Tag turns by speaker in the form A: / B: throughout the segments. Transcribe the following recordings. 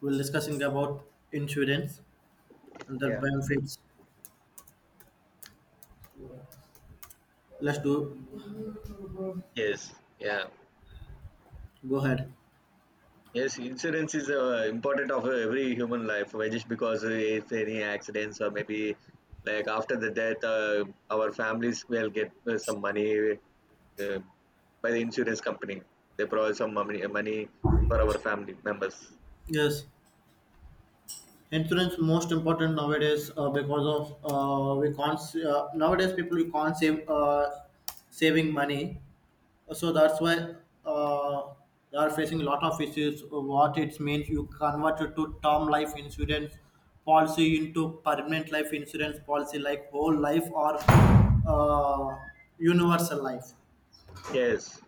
A: We're discussing about insurance and the
B: Yeah.
A: benefits. Let's do
B: Yes. Yeah.
A: Go ahead.
B: Yes. Insurance is important of every human life. Why? Just because if any accidents, or maybe like after the death, our families will get some money uh, by the insurance company. They provide some money for our family members.
A: Yes, insurance most important nowadays because of we can't nowadays people we can't save saving money, so that's why uh, they are facing a lot of issues. What it means you convert it to term life insurance policy into permanent life insurance policy like whole life or uh, universal life.
B: Yes.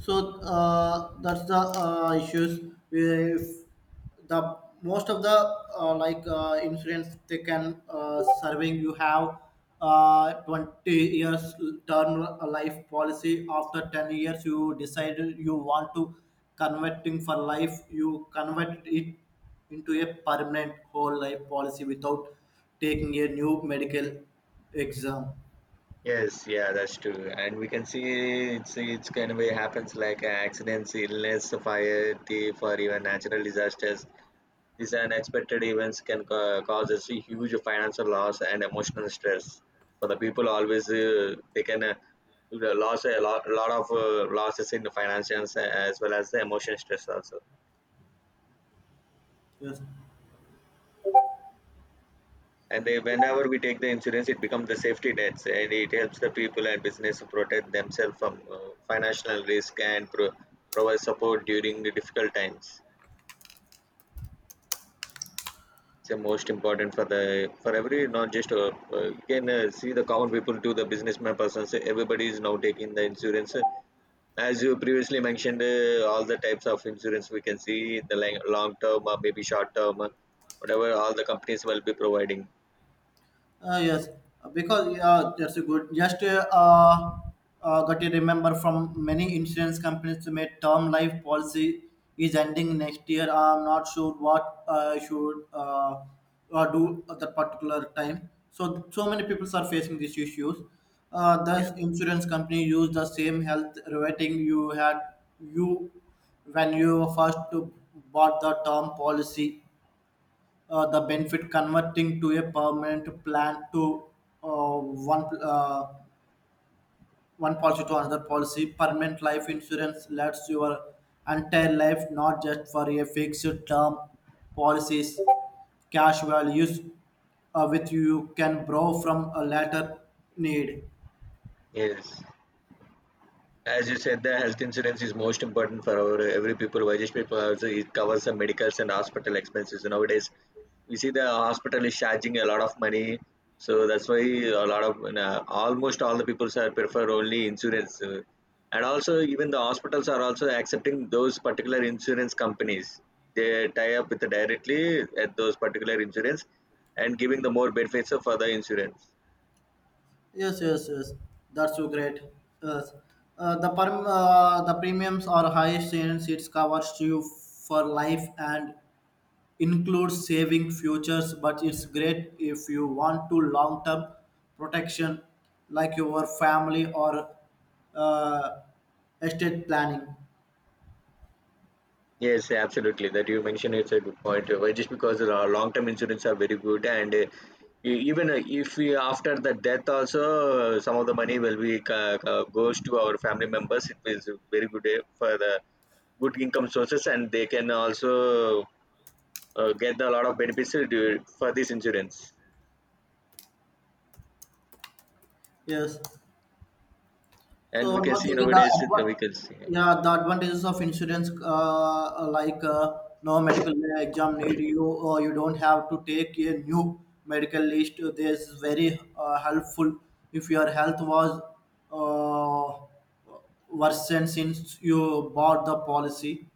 A: So that's the issues. If the Most of the insurance they can serving you have 20 years term life policy. After 10 years, you decide you want to converting for life. You convert it into a permanent whole life policy without taking a new medical exam.
B: Yes. Yeah. That's true. And we can see it's kind of way happens like accidents, illness, fire, thief, or even natural disasters. These unexpected events can cause us a huge financial loss and emotional stress for the people. Always, they can lose a lot of losses in the finances, as well as the emotion stress also.
A: Yes.
B: And they, whenever we take the insurance, it becomes the safety nets, and it helps the people and business to protect themselves from financial risk, and provide support during the difficult times. It's the most important for the for every, not just you can see, the common people to the businessman persons. Everybody is now taking the insurance. As you previously mentioned, all the types of insurance we can see the long term, or maybe short term, whatever all the companies will be providing.
A: Yes, because yeah, that's a good. Just Got to remember from many insurance companies to make term life policy is ending next year. I'm not sure what I should do at that particular time. So so many people are facing these issues.
B: Yeah.
A: Thus, insurance company use the same health rating you had you when you first bought the term policy, the benefit converting to a permanent plan to uh, one uh, one policy to another policy. Permanent life insurance lasts your entire life, not just for a fixed term policies cash values with you can borrow from a later need.
B: Yes. As you said, the health insurance is most important for our every people, Vajesh people. Also, it covers the medicals and hospital expenses. Nowadays, we see the hospital is charging a lot of money, so that's why a lot of almost all the people are prefer only insurance. And also even the hospitals are also accepting those particular insurance companies. They tie up with directly at those particular insurance and giving the more benefits for the insurance.
A: Yes, yes, yes, that's so great. Yes, the premiums are highest since it covers you for life and includes saving futures, but it's great if you want to long term protection like your family or uh, estate planning.
B: Yes, absolutely. That you mentioned, it's a good point. Why just because the long-term insurance are very good, and even if we after the death also, some of the money will be goes to our family members. It is very good for the good income sources, and they can also get a lot of benefits for this insurance.
A: Yes.
B: And
A: So
B: we
A: one
B: can
A: more
B: see
A: thing,
B: nowadays we can see.
A: yeah, the advantages of insurance, no medical exam need you, or you don't have to take a new medical list. This is very helpful if your health was uh, worsened since you bought the policy.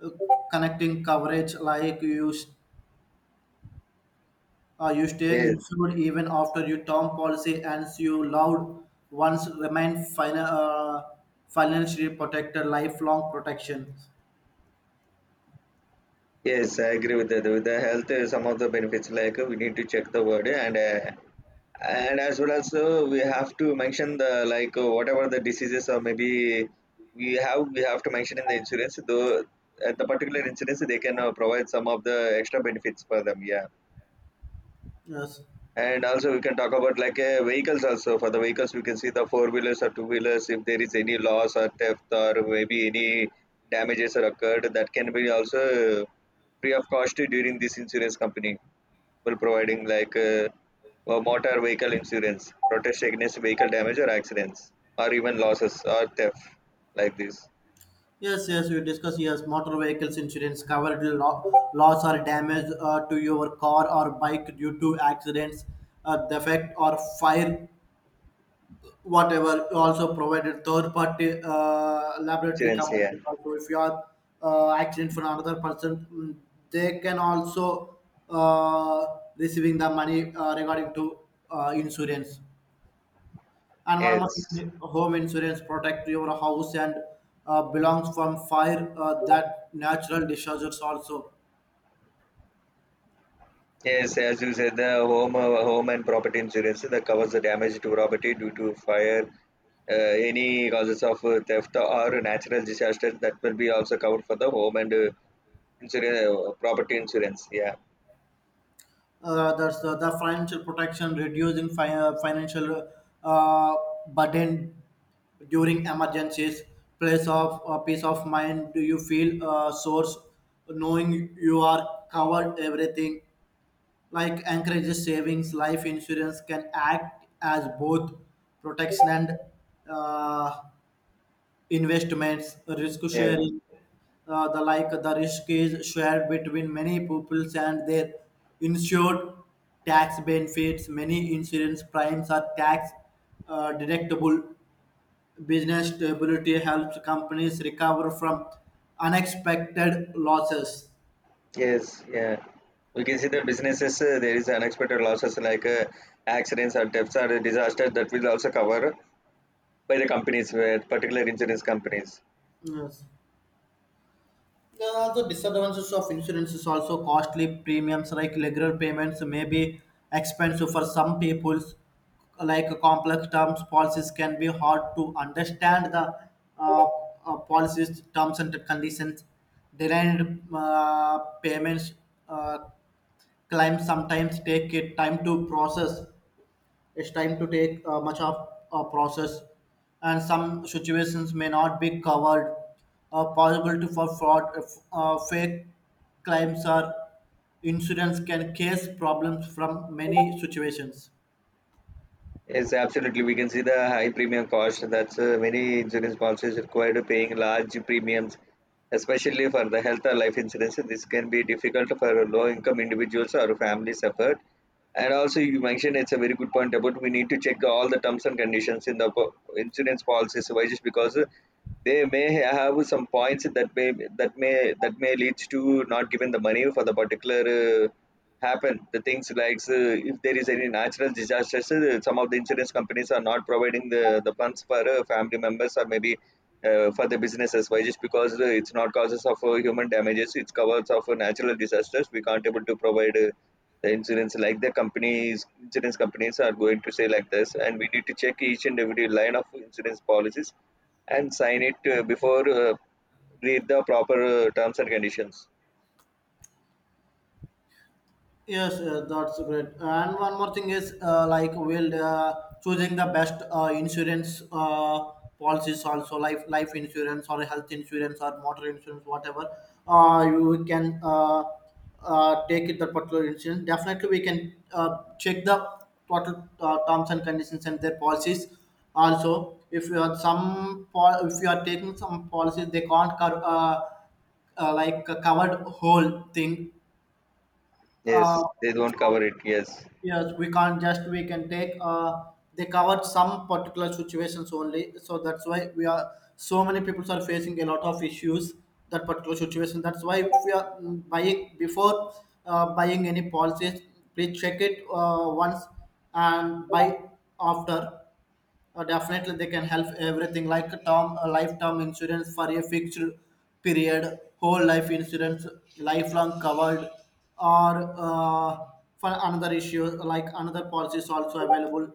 A: Uh, Connecting coverage like you stay
B: Yes,
A: insured even after you term policy ends. Your loved ones remain financially protected, lifelong protection.
B: yes, I agree with that. With the health, some of the benefits like we need to check the word and. And as well as we have to mention the like whatever the diseases, or maybe we have to mention in the insurance though at the particular insurance they can provide some of the extra benefits for them, yeah.
A: Yes.
B: And also we can talk about like vehicles also. For the vehicles we can see the four wheelers or two wheelers. If there is any loss or theft, or maybe any damages are occurred, that can be also free of cost during this insurance company, well, providing like motor vehicle insurance, protest against vehicle damage or accidents, or even losses or theft, like this
A: Yes, yes, we discuss, yes, motor vehicles insurance covered loss or damage to your car or bike due to accidents, defect or fire, whatever you also provided third party laboratory
B: insurance here.
A: companies also if you are accident for another person, they can also uh, receiving the money regarding to insurance. And one more
B: Yes,
A: thing, home insurance protect your house and belongs from fire that natural disasters also.
B: yes, as you said, the home home and property insurance that covers the damage to property due to fire, uh, any causes of theft or natural disasters, that will be also covered for the home and insurance, property insurance. Yeah.
A: That's the financial protection reducing financial uh, burden during emergencies, place of peace of mind, do you feel source knowing you are covered everything, like encourages savings. Life insurance can act as both protection and uh, investments, risk
B: Yeah.
A: sharing, the like the risk is shared between many pupils and their insured. Tax benefits, many insurance primes are tax deductible. Business stability helps companies recover from unexpected losses.
B: Yes, yeah. We can see the businesses, there is unexpected losses like accidents or deaths or disasters, that will also cover by the companies, where particular insurance companies.
A: Yes. There are also disadvantages of insurance, is also costly premiums like regular payments may be expensive for some peoples. Like complex terms, policies can be hard to understand the uh, policies terms and conditions. Delayed payments uh, claims sometimes take it time to process. It's time to take much of a process, and some situations may not be covered. Possibility for fraud, if, fake claims, or insurance can cause problems from many situations.
B: Yes, absolutely. We can see the high premium cost. That's many insurance policies required paying large premiums, especially for the health or life insurance. This can be difficult for low income individuals or families suffered. And also, you mentioned, it's a very good point about we need to check all the terms and conditions in the insurance policies. Why? Just because they may have some points that may leads to not giving the money for the particular happen the things like if there is any natural disasters, some of the insurance companies are not providing the funds for family members, or maybe for the businesses. Why just because it's not causes of human damages, it's covers of natural disasters. We can't able to provide the insurance, like the companies, insurance companies are going to say like this. And we need to check each and every line of insurance policies and sign it before read the proper terms and conditions.
A: Yes, yes, that's great. And one more thing is, like, will choosing the best insurance policies also, life insurance or health insurance or motor insurance, whatever. You can take it that particular insurance. Definitely, we can check the total terms and conditions and their policies. Also, if you are some if you are taking some policies, they can't cover covered whole thing.
B: Yes,
A: Uh,
B: they don't cover it, yes.
A: Yes, we can't just we can take they covered some particular situations only. So that's why we are so many people are facing a lot of issues that particular situation. That's why if we are buying before buying any policies, please check it once and buy after. Definitely, they can help everything like term, lifetime insurance for a fixed period, whole life insurance, lifelong covered, or for another issue like another policy is also available.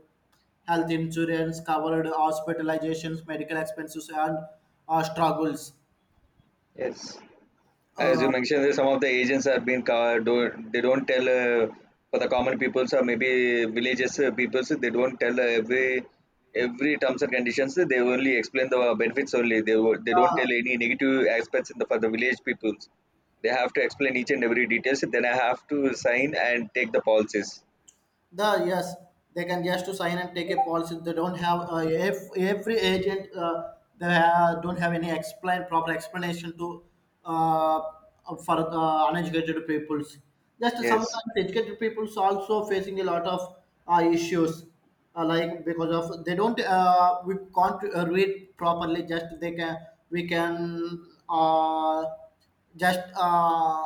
A: Health insurance covered hospitalizations, medical expenses, and struggles.
B: Yes, as you
A: Uh,
B: mentioned, that some of the agents have been do, they don't tell for the common peoples, or maybe villages peoples, they don't tell every terms and conditions. They only explain the benefits only. They they don't tell any negative aspects in the, for the village peoples. They have to explain each and every details. Then I have to sign and take the policies.
A: The yes, they can just to sign and take a policy. They don't have if every agent don't have any explain proper explanation to uh, for uneducated peoples. Just
B: Yes,
A: sometimes educated peoples also facing a lot of issues. Like because of they don't we can't read properly, just they can we can just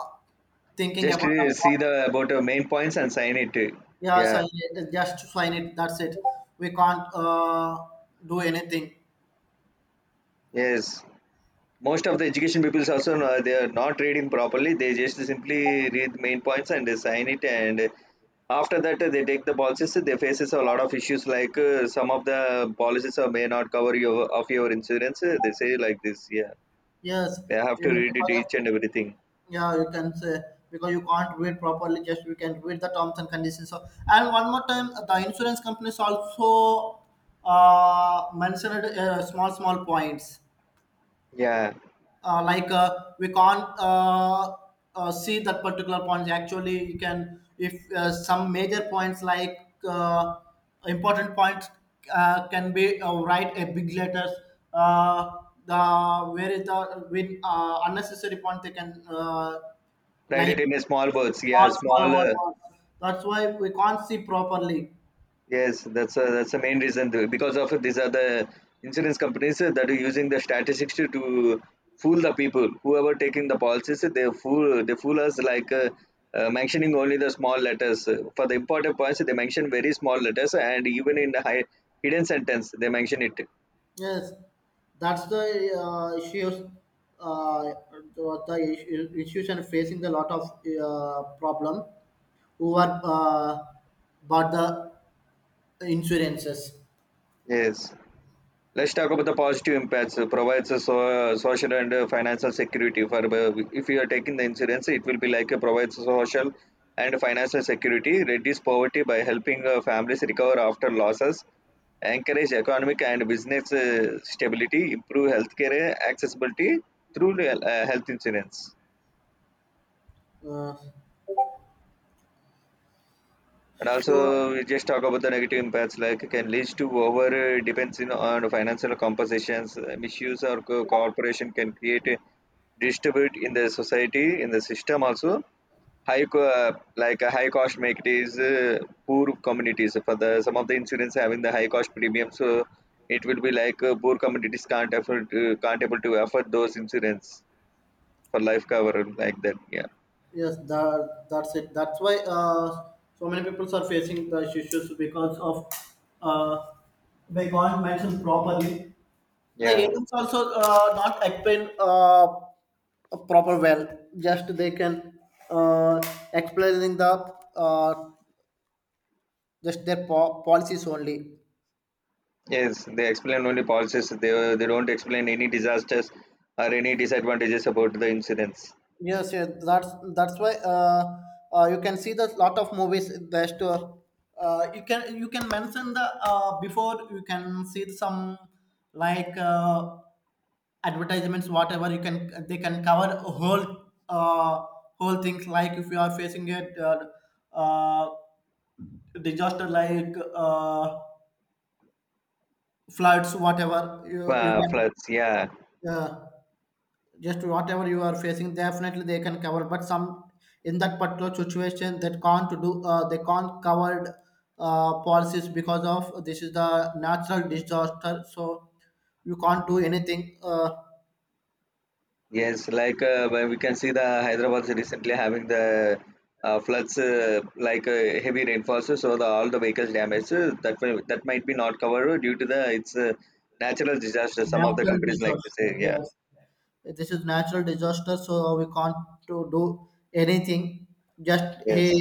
A: thinking
B: just
A: about the,
B: see the about the main points and sign it.
A: yeah,
B: Yeah.
A: sign it. Just sign it. That's it. We can't do anything.
B: Yes. Most of the education people also they are not reading properly, they just simply read the main points and they sign it, and after that they take the policies, they faces a lot of issues like some of the policies may not cover your of your insurance. They say like this, yeah.
A: Yes,
B: They have to
A: yeah,
B: read it each and everything.
A: yeah, you can say because you can't read properly. Just you can read the terms and conditions. So, and one more time, the insurance companies also mentioned small small points.
B: Yeah,
A: We can't see that particular points, actually you can, if some major points like uh, important points can be write a big letters, uh, the where is the with unnecessary point they can
B: write
A: like
B: it in a small
A: small
B: words, yeah, small
A: small words, that's why we can't see properly.
B: Yes, that's a, that's the main reason because of these are the insurance companies that are using the statistics to fool the people. Whoever taking the policies, they fool, they fool us like mentioning only the small letters. For the important points, they mention very small letters, and even in the high, hidden sentence they mention it.
A: Yes, that's the issues. Uh, the the Institution facing a lot of problem who are bought the insurances.
B: Yes. Let's talk about the positive impacts. It provides a so, social and financial security. For if you are taking the insurance, it will be like a provides social and financial security, reduce poverty by helping families recover after losses, encourage economic and business stability, improve healthcare accessibility through health insurance.
A: Uh,
B: And
A: so
B: also, we just talk about the negative impacts, like it can lead to over depends in, on financial compensations, misuse or corporation can create a distribute in the society, in the system also. Like a high cost make it is poor communities. For the some of the insurance having the high cost premium, so it will be like poor communities can't afford, can't able to afford those insurance for life cover like that. Yeah,
A: yes, that that's it. That's why so many people are facing the issues because of uh, they can't mention properly. The
B: yeah.
A: agents also not explain. A proper wealth, just they can uh, explaining the uh, just their policies only.
B: Yes, they explain only policies. They don't explain any disasters or any disadvantages about the incidents.
A: Yes, yeah, that's why you can see the lot of movies, just you can mention the before you can see some like uh, advertisements whatever you can, they can cover a whole uh, whole things like if you are facing a uh, uh, disaster like floods, whatever you, you can
B: Floods, yeah.
A: uh, just whatever you are facing, definitely they can cover. But some in that particular situation that can't do they can't covered policies because of this is the natural disaster, so you can't do anything.
B: Yes, like when we can see the Hyderabad recently having the floods, like heavy rainfalls, so the, all the vehicles damaged. Uh, that that might be not covered due to the it's natural disaster. Some of the
A: Natural
B: companies like this,
A: disaster,
B: yeah.
A: yes. This is natural disaster, so we can't to do anything. Just he
B: Yes.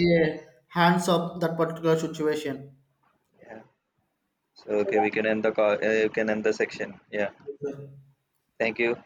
A: hands up that particular situation.
B: Yeah. So okay, we can end the call. We can end the section. Yeah. Thank you.